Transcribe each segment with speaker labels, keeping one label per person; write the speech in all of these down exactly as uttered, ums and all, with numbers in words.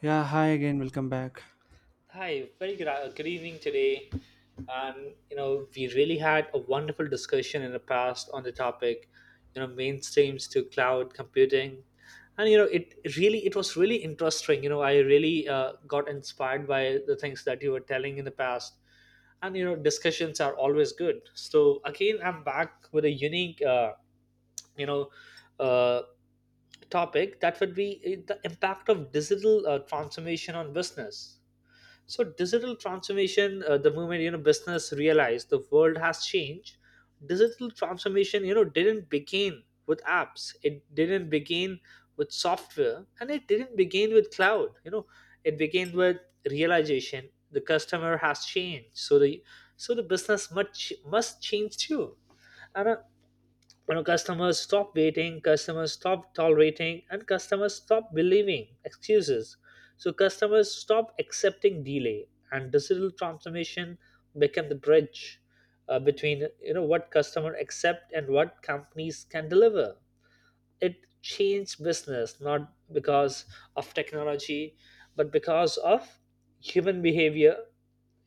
Speaker 1: Yeah, hi again, welcome back.
Speaker 2: Hi, very gra- good evening today. And you know, we really had a wonderful discussion in the past on the topic, you know, mainstreams to cloud computing, and you know, it really it was really interesting. You know, I really uh, got inspired by the things that you were telling in the past, and you know, discussions are always good. So again, I'm back with a unique, uh, you know, uh, topic that would be uh, the impact of digital uh, transformation on business. So digital transformation, uh, the moment you know business realized the world has changed, digital transformation you know didn't begin with apps. It didn't begin with software, and it didn't begin with cloud. You know, it began with realization the customer has changed. So the so the business must must change too. And uh, you know customers stop waiting, customers stop tolerating, and customers stop believing excuses. So customers stop accepting delay, and digital transformation become the bridge uh, between you know what customer accept and what companies can deliver. It changed business not because of technology but because of human behavior.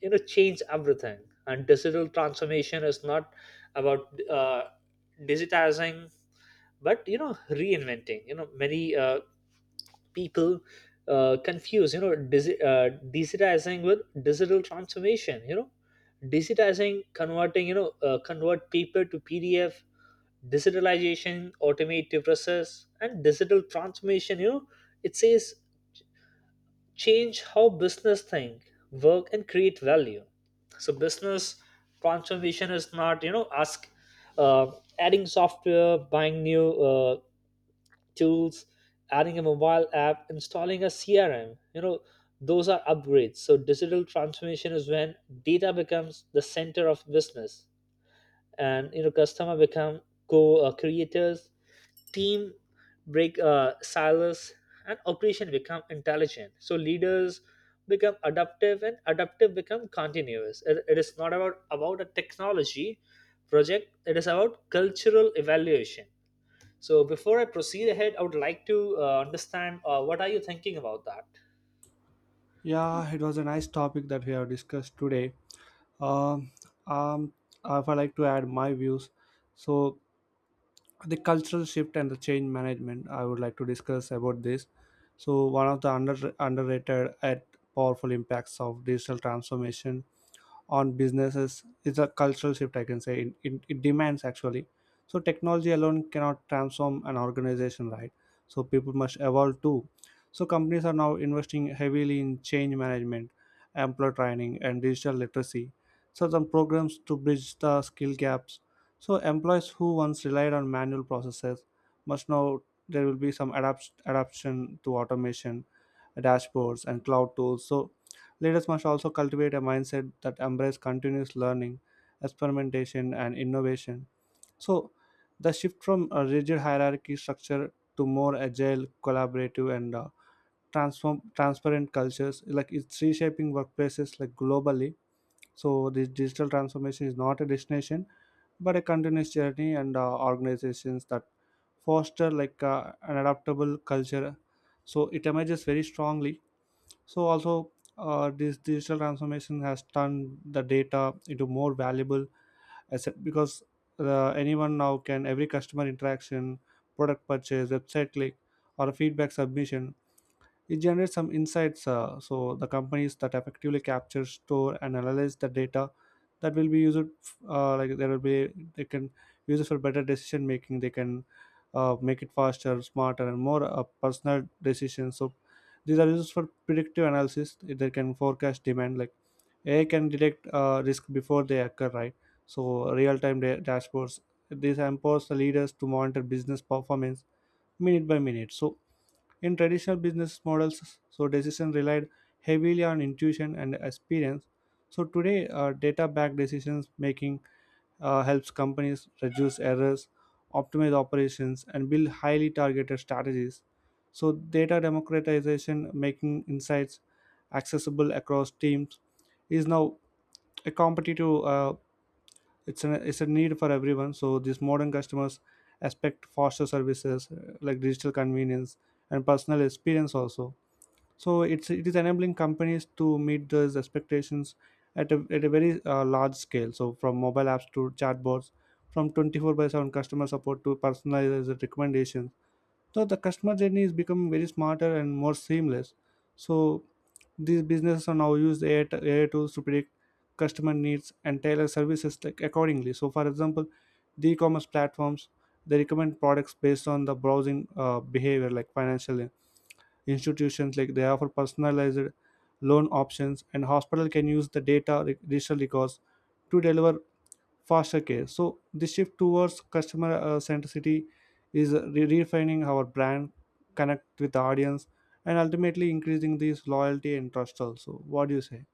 Speaker 2: You know change everything. And digital transformation is not about uh, digitizing but you know reinventing. You know many uh, people uh, confuse you know digi- uh, digitizing with digital transformation. You know digitizing, converting you know uh, convert paper to pdf; digitalization, automated process; and digital transformation, you know it says change how business think, work and create value. So business transformation is not you know ask, uh, adding software, buying new uh, tools, adding a mobile app, installing a crm. You know those are upgrades. So digital transformation is when data becomes the center of business, and you know customer become co-creators, team break uh, silos, and operation become intelligent. So leaders become adaptive and adaptive become continuous. It, it is not about about a technology project; it is about cultural evaluation. So before I proceed ahead, I would like to uh, understand uh, what are you thinking about that.
Speaker 1: Yeah, it was a nice topic that we have discussed today. Um, um, if I like to add my views, so the cultural shift and the change management, I would like to discuss about this. So one of the under underrated and powerful impacts of digital transformation on businesses is a cultural shift. I can say It in, it demands actually. So technology alone cannot transform an organization, right? So people must evolve too. So companies are now investing heavily in change management, employee training, and digital literacy, so some programs to bridge the skill gaps. So employees who once relied on manual processes must now, there will be some adapt- adaptation to automation, dashboards, and cloud tools. So leaders must also cultivate a mindset that embraces continuous learning, experimentation, and innovation. So the shift from a rigid hierarchy structure to more agile, collaborative, and uh, transform transparent cultures, like, it's reshaping workplaces like globally. So this digital transformation is not a destination but a continuous journey, and uh, organizations that foster like uh, an adaptable culture, so it emerges very strongly. So also, uh, this digital transformation has turned the data into more valuable asset, because uh, anyone now can, every customer interaction, product purchase, website click, or feedback submission, it generates some insights. Uh, so the companies that effectively capture, store, and analyze the data, that will be used. Uh, like, there will be, they can use it for better decision making. They can uh, make it faster, smarter, and more uh, personal decisions. So these are used for predictive analysis. They can forecast demand. Like, A I can detect uh, risk before they occur, right? So real-time da- dashboards. This empowers the leaders to monitor business performance minute by minute. So in traditional business models, so decision relied heavily on intuition and experience. So today, uh, data-backed decisions making uh, helps companies reduce errors, optimize operations, and build highly targeted strategies. So data democratization, making insights accessible across teams, is now a competitive uh, it's a it's a need for everyone. So these modern customers expect faster services, uh, like digital convenience and personal experience also. So it's it is enabling companies to meet those expectations at a, at a very uh, large scale. So from mobile apps to chatbots, from twenty-four by seven customer support to personalized recommendations, so the customer journey is becoming very smarter and more seamless. So these businesses are now use A I tools to predict customer needs and tailor services like accordingly. So for example, the e-commerce platforms, they recommend products based on the browsing uh, behavior. Like financial institutions, like, they offer personalized loan options, and hospital can use the data re- digital records to deliver faster care. So the shift towards customer uh, centricity is re- refining our brand connect with the audience and ultimately increasing this loyalty and trust also. What do you say?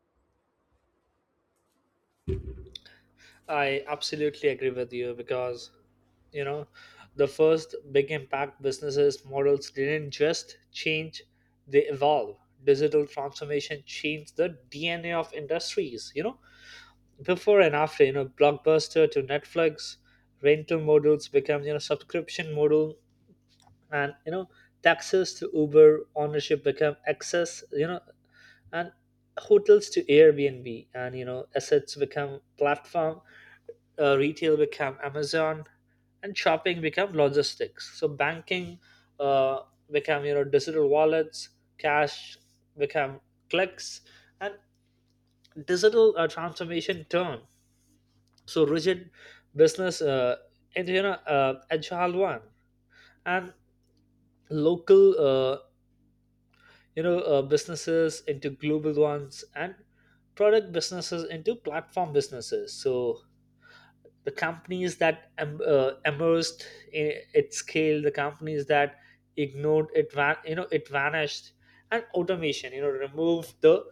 Speaker 2: I absolutely agree with you because you know the first big impact, businesses models didn't just change, they evolve. Digital transformation changed the dna of industries. You know before and after, you know blockbuster to netflix, rental models become you know subscription model. And you know taxes to uber, ownership become access. You know and hotels to airbnb, and you know assets become platform. Uh, retail become Amazon, and shopping become logistics. So banking uh, become you know digital wallets, cash become clicks, and digital uh, transformation turn. So rigid business uh, into you know uh, agile one, and local uh, you know uh, businesses into global ones, and product businesses into platform businesses. So the companies that em- uh, immersed in its scale, the companies that ignored it, van- you know, it vanished. And automation, you know, removed the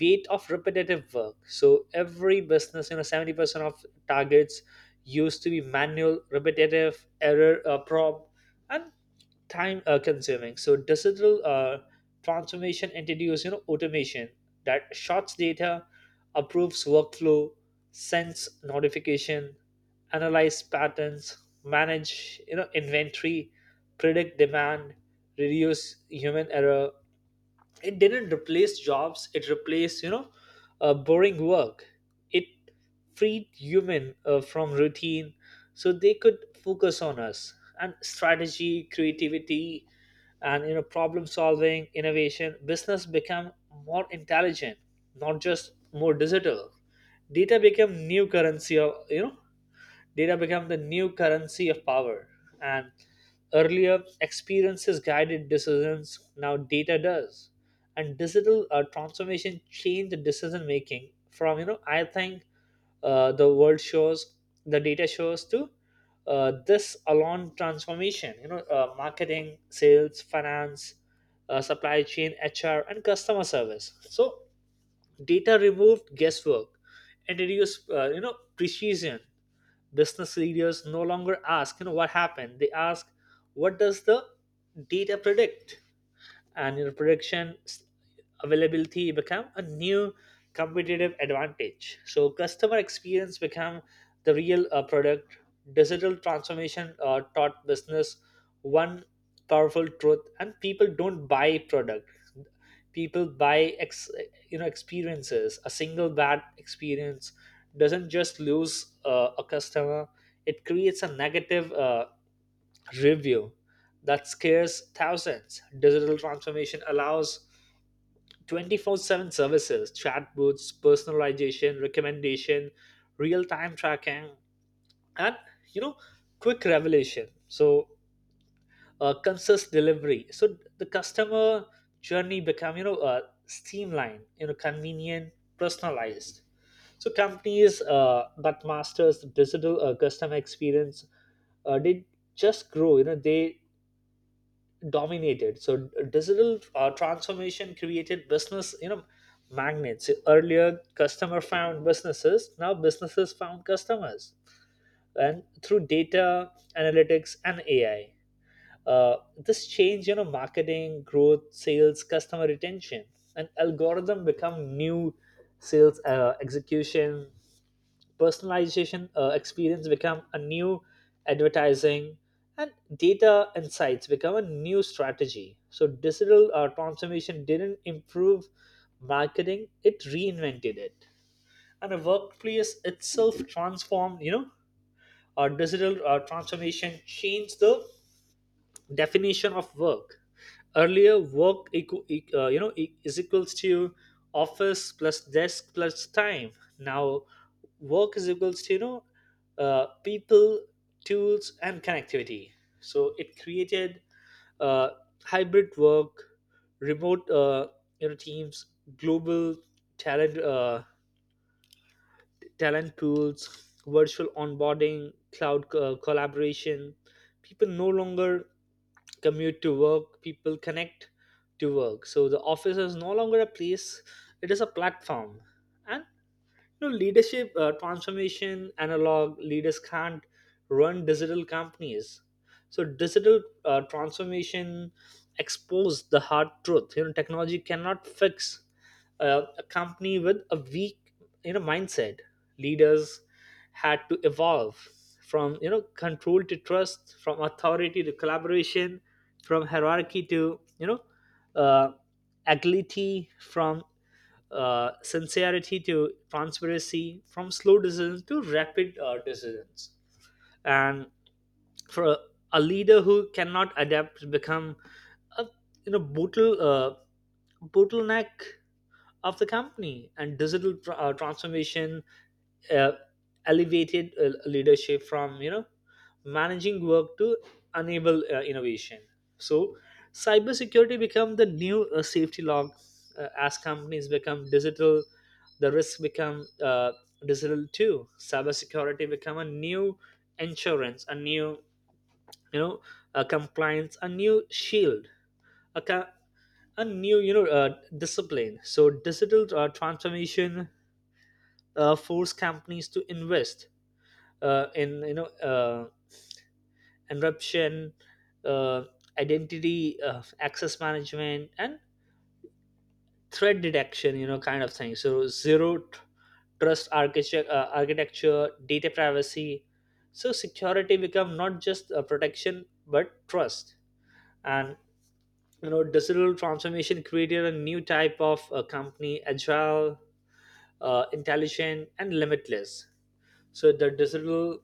Speaker 2: weight of repetitive work. So every business, you know, seventy percent of targets used to be manual, repetitive, error, uh, prob, and time uh, consuming. So digital uh, transformation introduces you know automation that sorts data, approves workflow, sends notification, analyze patterns, manage you know inventory, predict demand, reduce human error. It didn't replace jobs, it replaced you know uh, boring work. It freed human uh, from routine so they could focus on us and strategy, creativity, and you know problem solving, innovation. Business became more intelligent, not just more digital. data became new currency of you know Data became the new currency of power, and earlier experiences guided decisions, now data does. And digital uh, transformation changed the decision making from, you know, I think uh, the world shows, the data shows to uh, this alone transformation, you know, uh, marketing, sales, finance, uh, supply chain, H R, and customer service. So data removed guesswork, introduced, uh, you know, precision. Business leaders no longer ask you know what happened, they ask what does the data predict. And your production s- availability become a new competitive advantage. So customer experience become the real uh, product. Digital transformation uh, taught business one powerful truth, and people don't buy product, people buy ex you know experiences. A single bad experience doesn't just lose uh, a customer, it creates a negative uh, review that scares thousands. Digital transformation allows twenty four seven services, chat booths, personalization, recommendation, real time tracking, and you know, quick revelation. So, uh, consist delivery. So, the customer journey become you know uh, streamlined, you know, convenient, personalized. So, companies uh, that masters the digital uh, customer experience uh, they just grow. You know, they dominated. So digital uh, transformation created business you know magnets. So, earlier customer found businesses, now businesses found customers. And through data analytics and ai, uh, this change you know marketing growth, sales, customer retention. And algorithm become new sales uh, execution, personalization uh, experience become a new advertising, and data insights become a new strategy. So digital uh, transformation didn't improve marketing, it reinvented it. And the workplace itself transformed. You know our digital uh, transformation changed the definition of work. Earlier work equal, uh, you know e- is equals to office plus desk plus time. Now work is equals to you know uh, people, tools and connectivity. So it created uh, hybrid work, remote uh, you know teams, global talent uh, talent pools, virtual onboarding, cloud co- collaboration. People no longer commute to work, people connect to work. So the office is no longer a place, it is a platform. And you know leadership uh, transformation, analog leaders can't run digital companies. So digital uh, transformation expose the hard truth. You know technology cannot fix uh, a company with a weak you know mindset. Leaders had to evolve from you know control to trust, from authority to collaboration, from hierarchy to you know uh, agility, from uh, sincerity to transparency, from slow decisions to rapid uh, decisions. And for a, a leader who cannot adapt, become a you know bottle uh, bottleneck of the company. And digital tr- uh, transformation uh, elevated uh, leadership from you know managing work to enable uh, innovation. So cybersecurity become the new uh, safety log. Uh, as companies become digital, the risks become uh, digital too. Cybersecurity become a new insurance, a new you know a compliance, a new shield, a, co- a new you know uh, discipline. So digital uh, transformation uh, force companies to invest uh, in you know uh, encryption, uh, identity uh, access management, and threat detection, you know kind of thing. So zero tr- trust architecture, uh, architecture data privacy. So security become not just a protection but trust. And you know digital transformation created a new type of uh, company, agile, uh, intelligent and limitless. So the digital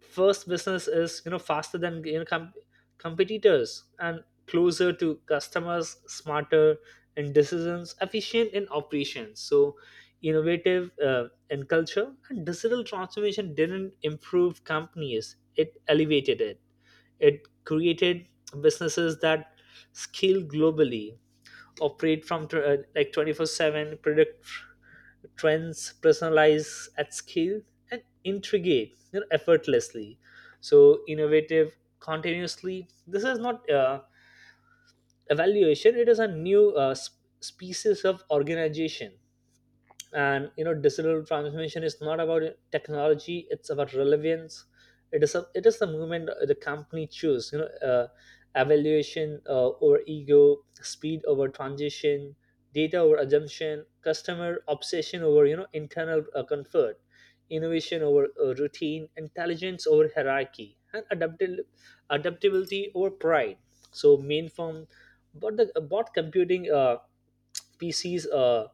Speaker 2: first business is you know faster than you know com- competitors, and closer to customers, smarter in decisions, efficient in operations, so innovative uh, in culture. And digital transformation didn't improve companies, it elevated it. It created businesses that scale globally, operate from tw- uh, like twenty four seven, predict trends, personalize at scale, and integrate you know, effortlessly. So innovative continuously. This is not uh, evaluation, it is a new uh, sp- species of organization. And you know digital transformation is not about technology, it's about relevance. it is a, it is the movement the company choose, you know uh, evaluation uh, over ego, speed over transition, data over assumption, customer obsession over you know internal uh, comfort, innovation over uh, routine, intelligence over hierarchy, and adaptil- adaptability over pride. So main form, but the bot computing uh, P Cs. Uh,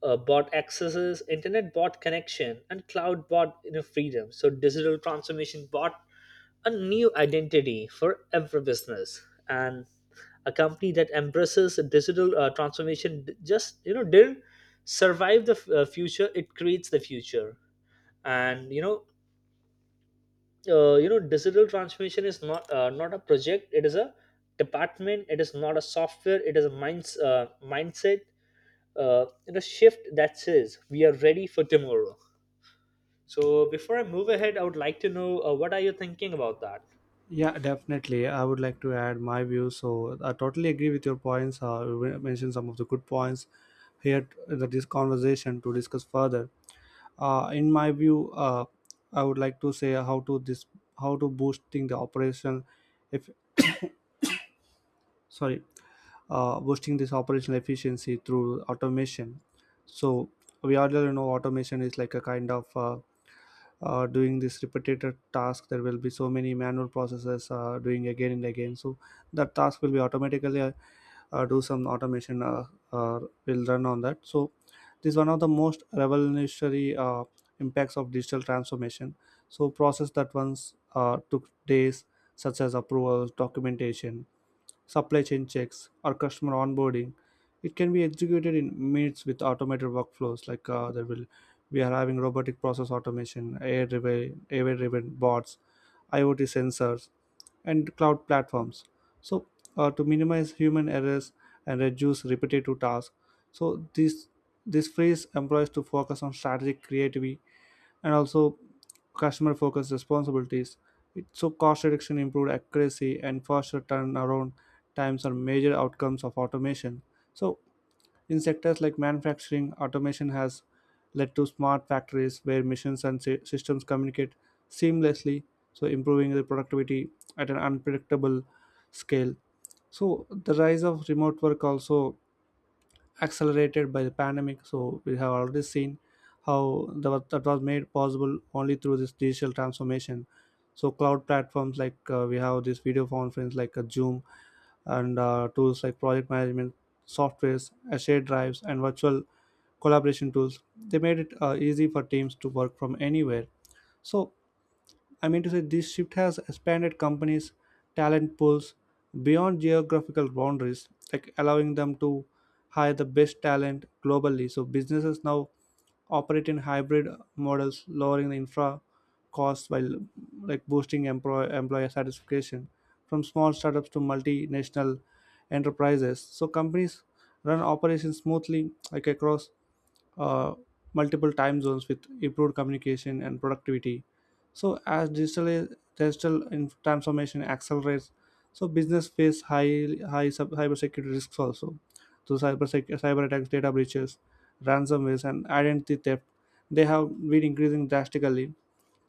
Speaker 2: uh, bought accesses, internet bought connection, and cloud bought you know, freedom. So digital transformation bought a new identity for every business, and a company that embraces a digital uh, transformation d- just you know didn't survive the f- uh, future; it creates the future. And you know, uh, you know, digital transformation is not uh, not a project; it is a department. It is not a software. It is a minds uh, mindset uh, in a shift that says we are ready for tomorrow. So before I move ahead, I would like to know uh, what are you thinking about that?
Speaker 1: Yeah, definitely, I would like to add my views. So I totally agree with your points. Uh, you mentioned some of the good points here in this conversation to discuss further. Uh, in my view, uh, I would like to say how to this, how to boosting the operation, if, sorry, uh, boosting this operational efficiency through automation. So we already know automation is like a kind of uh, uh, doing this repetitive task. There will be so many manual processes uh, doing again and again. So that task will be automatically uh, uh, do some automation uh, uh, will run on that. So this is one of the most revolutionary uh, impacts of digital transformation. So process that once uh, took days, such as approvals, documentation, supply chain checks, or customer onboarding, it can be executed in minutes with automated workflows, like, uh, there will we are having robotic process automation, A I driven, A I driven bots, IoT sensors, and cloud platforms. So uh, to minimize human errors and reduce repetitive tasks. So this this frees employees to focus on strategic creativity and also customer focused responsibilities. It, so, cost reduction, improved accuracy, and faster turnaround times are major outcomes of automation. So in sectors like manufacturing, automation has led to smart factories where machines and sy- systems communicate seamlessly, so improving the productivity at an unpredictable scale. So the rise of remote work also accelerated by the pandemic. So we have already seen how that was, that was made possible only through this digital transformation. So cloud platforms like, uh, we have this video conference like uh, Zoom, and uh, tools like project management softwares, uh, shared drives, and virtual collaboration tools. They made it uh, easy for teams to work from anywhere. So I mean to say, this shift has expanded companies' talent pools beyond geographical boundaries, like allowing them to hire the best talent globally. So businesses now operate in hybrid models, lowering the infra costs while like boosting employ- employer satisfaction, from small startups to multinational enterprises. So companies run operations smoothly, like across uh, multiple time zones with improved communication and productivity. So as digital digital in- transformation accelerates, so business face high high sub- cybersecurity risks also. So cyber sec- cyber attacks, data breaches, ransomwares, and identity theft, they have been increasing drastically.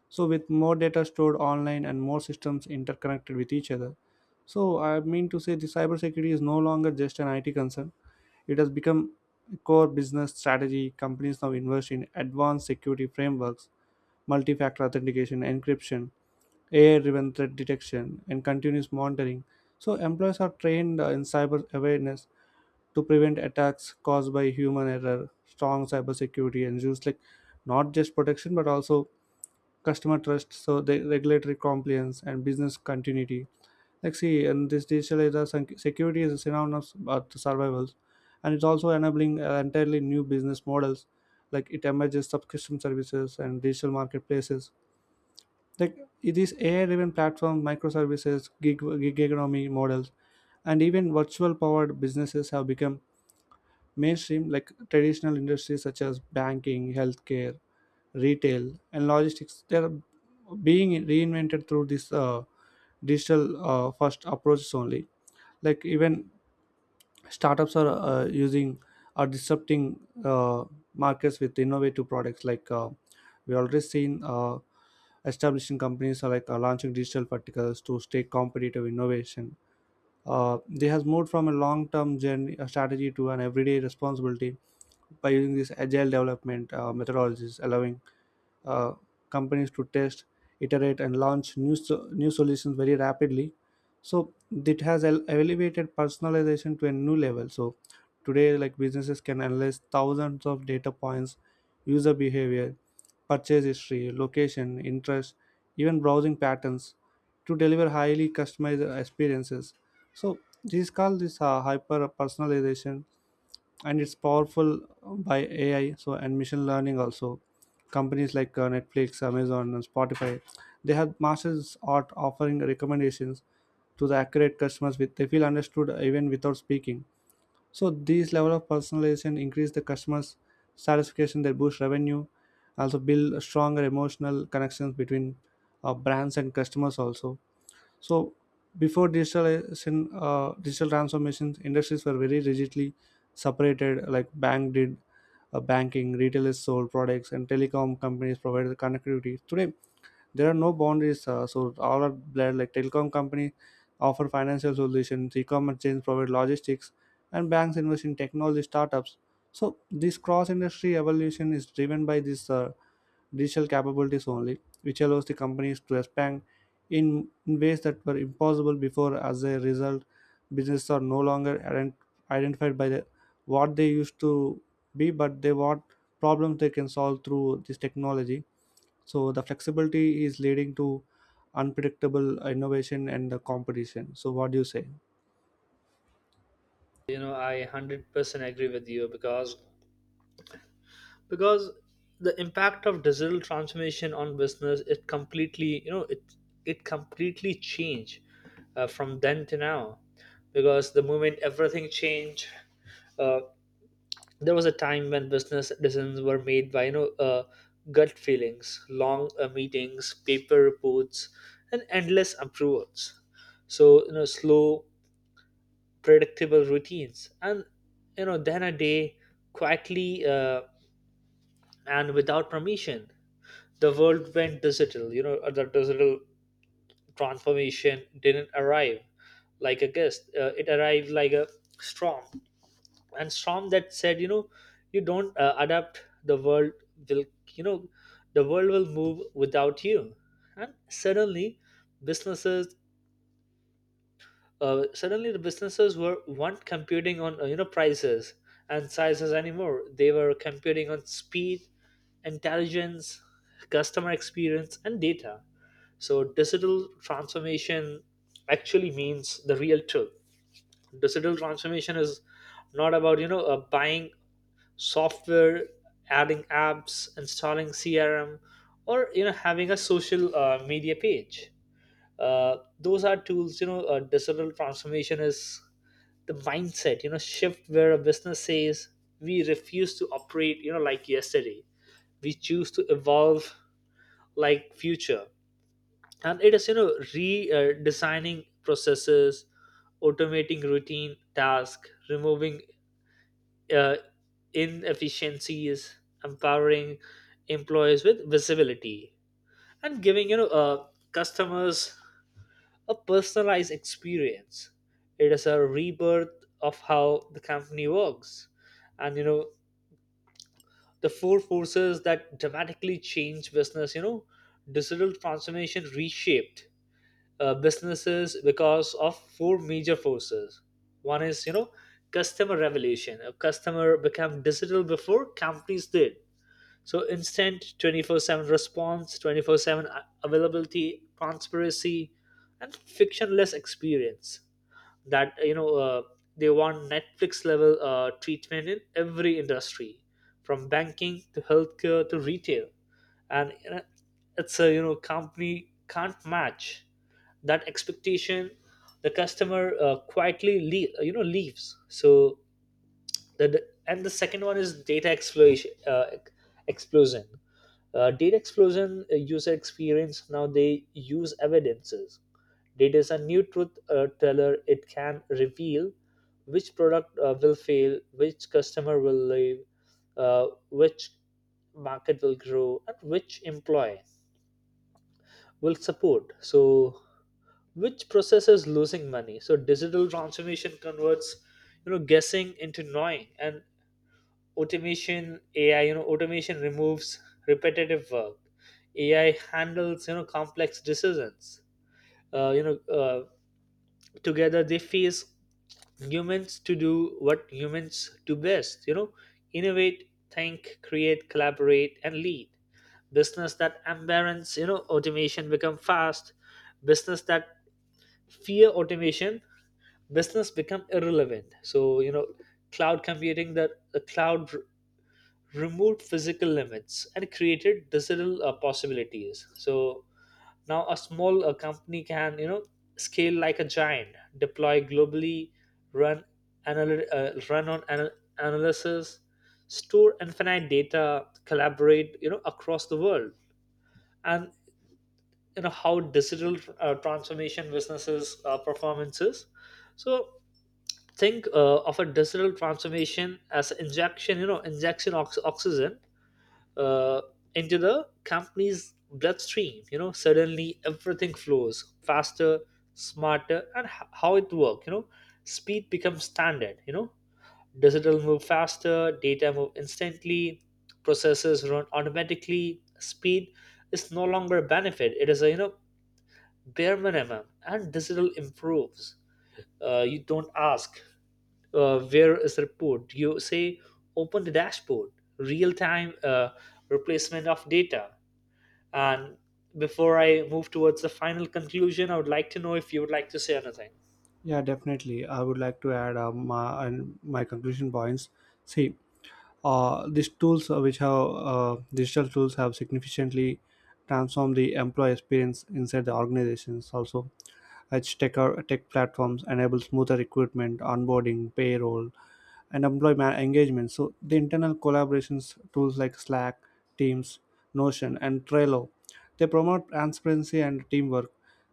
Speaker 1: So with more data stored online and more systems interconnected with each other, so I mean to say, the cybersecurity is no longer just an I T concern, it has become a core business strategy. Companies now invest in advanced security frameworks, multi factor authentication, encryption, A I driven threat detection, and continuous monitoring. So employees are trained uh, in cyber awareness to prevent attacks caused by human error. Strong cybersecurity ensures like not just protection but also customer trust, so the regulatory compliance and business continuity. Like, see, and this digital era, sec- security is synonymous with survival, and it's also enabling uh, entirely new business models. Like, it emerges subscription services and digital marketplaces. Like, these A I-driven platform, microservices, gig, gig economy models, and even virtual-powered businesses have become mainstream. Like traditional industries such as banking, healthcare, retail, and logistics, they're being reinvented through this uh, digital uh, first approaches only. Like, even startups are uh, using are disrupting uh, markets with innovative products. Like, uh, we already seen, uh, establishing companies are like uh, launching digital verticals to stay competitive. Innovation, uh, they has moved from a long-term journey, a strategy to an everyday responsibility by using this agile development uh, methodologies allowing uh, companies to test, iterate, and launch new so- new solutions very rapidly. So it has ele- elevated personalization to a new level. So today, like, businesses can analyze thousands of data points, user behavior, purchase history, location, interest, even browsing patterns to deliver highly customized experiences. So this is called this uh, hyper personalization, and it's powerful uh, by A I, so, and machine learning also. Companies like uh, Netflix, Amazon, and Spotify, they have masters art offering recommendations to the accurate customers with they feel understood even without speaking. So these level of personalization increase the customers' satisfaction, they boost revenue, also build stronger emotional connections between uh, brands and customers also. So before digitalization, uh, digital transformations, industries were very rigidly separated. Like, bank did uh, banking, retailers sold products, and telecom companies provided connectivity. Today there are no boundaries, uh, so all are blurred. Like, telecom company offer financial solutions, e-commerce chains provide logistics, and banks invest in technology startups. So this cross-industry evolution is driven by this. Uh, digital capabilities only, which allows the companies to expand in ways that were impossible before. As a result, businesses are no longer ident- identified by the, what they used to be, but they what problems they can solve through this technology. So the flexibility is leading to unpredictable innovation and the competition. So what do you say?
Speaker 2: You know, I one hundred percent agree with you because because the impact of digital transformation on business, it completely you know it it completely changed uh, from then to now. Because the moment everything changed, uh, there was a time when business decisions were made by you know uh, gut feelings, long uh, meetings, paper reports, and endless approvals. So you know slow, predictable routines. And you know then a day, quietly uh, and without permission, the world went digital. You know uh, the digital transformation didn't arrive like a guest, uh, it arrived like a storm. And Strom that said, you know, you don't uh, adapt, the world will, you know, the world will move without you. And suddenly, businesses, uh, suddenly the businesses were weren't computing on uh, you know prices and sizes anymore. They were computing on speed, intelligence, customer experience, and data. So digital transformation actually means the real truth. Digital transformation is not about you know uh, buying software, adding apps, installing crm, or you know having a social uh, media page. Uh, those are tools. You know uh, digital transformation is the mindset you know shift where a business says we refuse to operate you know like yesterday. We choose to evolve like future, and it is you know redesigning uh, designing processes, automating routine tasks, removing uh, inefficiencies, empowering employees with visibility, and giving you know uh, customers a personalized experience. It is a rebirth of how the company works, and you know the four forces that dramatically change business. You know, digital transformation reshaped uh, businesses because of four major forces. One is you know customer revolution. A customer became digital before companies did. So instant twenty-four seven response, twenty-four seven a- availability, transparency, and frictionless experience. That you know uh, They want Netflix level uh, treatment in every industry, from banking to healthcare to retail, and you it's a you know company can't match that expectation. The customer uh, quietly le- you know leaves. So the, the and the second one is data explosion uh, ex- explosion uh, data explosion. Uh, user experience, now they use evidences. Data is a new truth uh, teller. It can reveal which product uh, will fail, which customer will leave, uh, which market will grow, and which employee will support, so which process is losing money. So digital transformation converts you know guessing into knowing. And automation ai you know automation removes repetitive work. AI handles you know complex decisions. uh, you know uh, Together they face humans to do what humans do best: you know innovate, think, create, collaborate, and lead. Business that embrace you know automation become fast. Business that fear automation business become irrelevant. So you know cloud computing that the cloud r- removed physical limits and created digital uh, possibilities. So now a small uh, company can you know scale like a giant, deploy globally, run anal- uh, run on anal- analysis, store infinite data, collaborate you know across the world. And you know how digital uh, transformation businesses uh, performances. So think uh, of a digital transformation as injection. You know injection ox- oxygen uh, into the company's bloodstream. You know suddenly everything flows faster, smarter. And h- how it works, you know speed becomes standard. You know digital move faster, data move instantly, processes run automatically. Speed is no longer a benefit, it is a you know bare minimum. And digital improves. Uh, you don't ask, uh, where is the report? You say, open the dashboard, real time uh, replacement of data. And before I move towards the final conclusion, I would like to know if you would like to say anything.
Speaker 1: Yeah, definitely. I would like to add um, my, and my conclusion points. See, uh, these tools uh, which have uh, digital tools have significantly transformed the employee experience inside the organizations also. As tech, Tech platforms enable smoother recruitment, onboarding, payroll, and employee ma- engagement. So the internal collaborations tools like Slack, Teams, Notion, and Trello, they promote transparency and teamwork.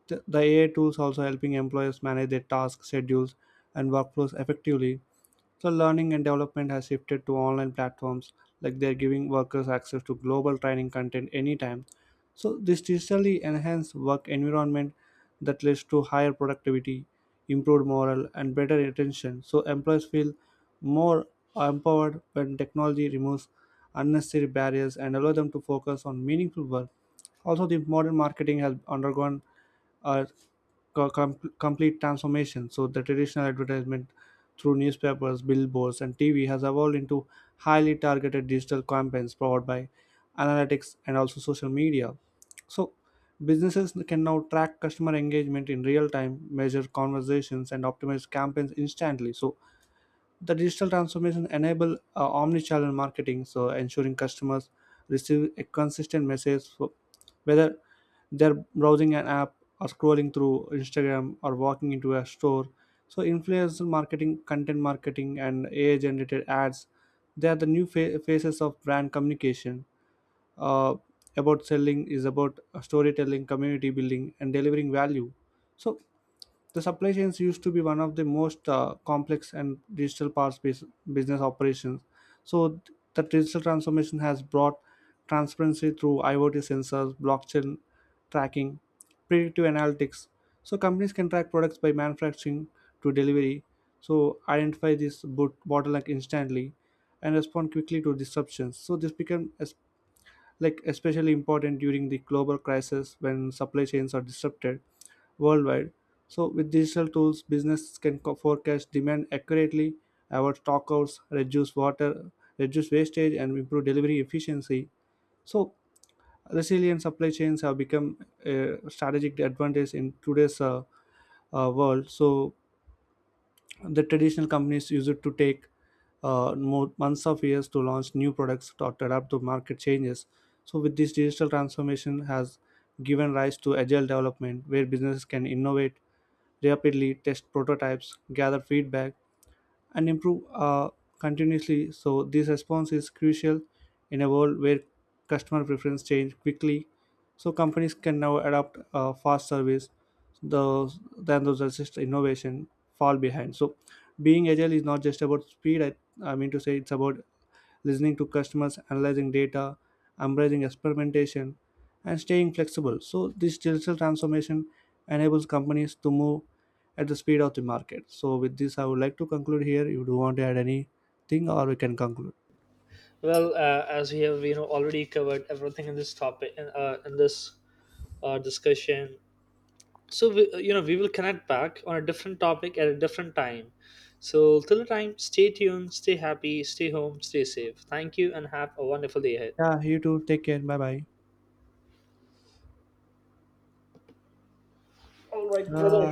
Speaker 1: The, the AI tools also helping employers manage their tasks, schedules, and workflows effectively. So learning and development has shifted to online platforms, like they're giving workers access to global training content anytime. So this digitally enhanced work environment that leads to higher productivity, improved morale, and better retention. So employees feel more empowered when technology removes unnecessary barriers and allow them to focus on meaningful work. Also, the modern marketing has undergone a co- com- complete transformation. So the traditional advertisement through newspapers, billboards, and T V has evolved into highly targeted digital campaigns powered by analytics and also social media. So businesses can now track customer engagement in real time, measure conversations, and optimize campaigns instantly. So the digital transformation enable uh, omni-channel marketing, so ensuring customers receive a consistent message for whether they're browsing an app or scrolling through Instagram or walking into a store. So influencer marketing, content marketing, and AI generated ads, they are the new fa- phases of brand communication. uh, about selling is about storytelling, community building, and delivering value. So the supply chains used to be one of the most uh, complex and digital parts bus- business operations. So th- the digital transformation has brought transparency through IoT sensors, blockchain tracking, predictive analytics. So companies can track products by manufacturing to delivery, so identify this boot bottleneck instantly and respond quickly to disruptions. So this became es- like especially important during the global crisis when supply chains are disrupted worldwide. So with digital tools, businesses can co- forecast demand accurately, avoid stockouts, reduce water, reduce wastage, and improve delivery efficiency. So resilient supply chains have become a strategic advantage in today's uh, uh, world. So the traditional companies use it to take uh, more months of years to launch new products or to adapt to market changes. So with this digital transformation, has given rise to agile development, where businesses can innovate rapidly, test prototypes, gather feedback, and improve uh, continuously. So this response is crucial in a world where customer preference change quickly. So companies can now adopt uh, fast service, those than those assist innovation fall behind. So being agile is not just about speed. I, I mean to say, it's about listening to customers, analyzing data, embracing experimentation, and staying flexible. So this digital transformation enables companies to move at the speed of the market. So with this, I would like to conclude here. If you do want to add anything, or we can conclude.
Speaker 2: Well, uh, as we have you know already covered everything in this topic, in, uh, in this uh, discussion, so we, uh, you know we will connect back on a different topic at a different time. So till the time, stay tuned, stay happy, stay home, stay safe. Thank you, and have a wonderful day ahead.
Speaker 1: Yeah, you too. Take care. Bye bye.
Speaker 2: All right, brother.
Speaker 1: Ah.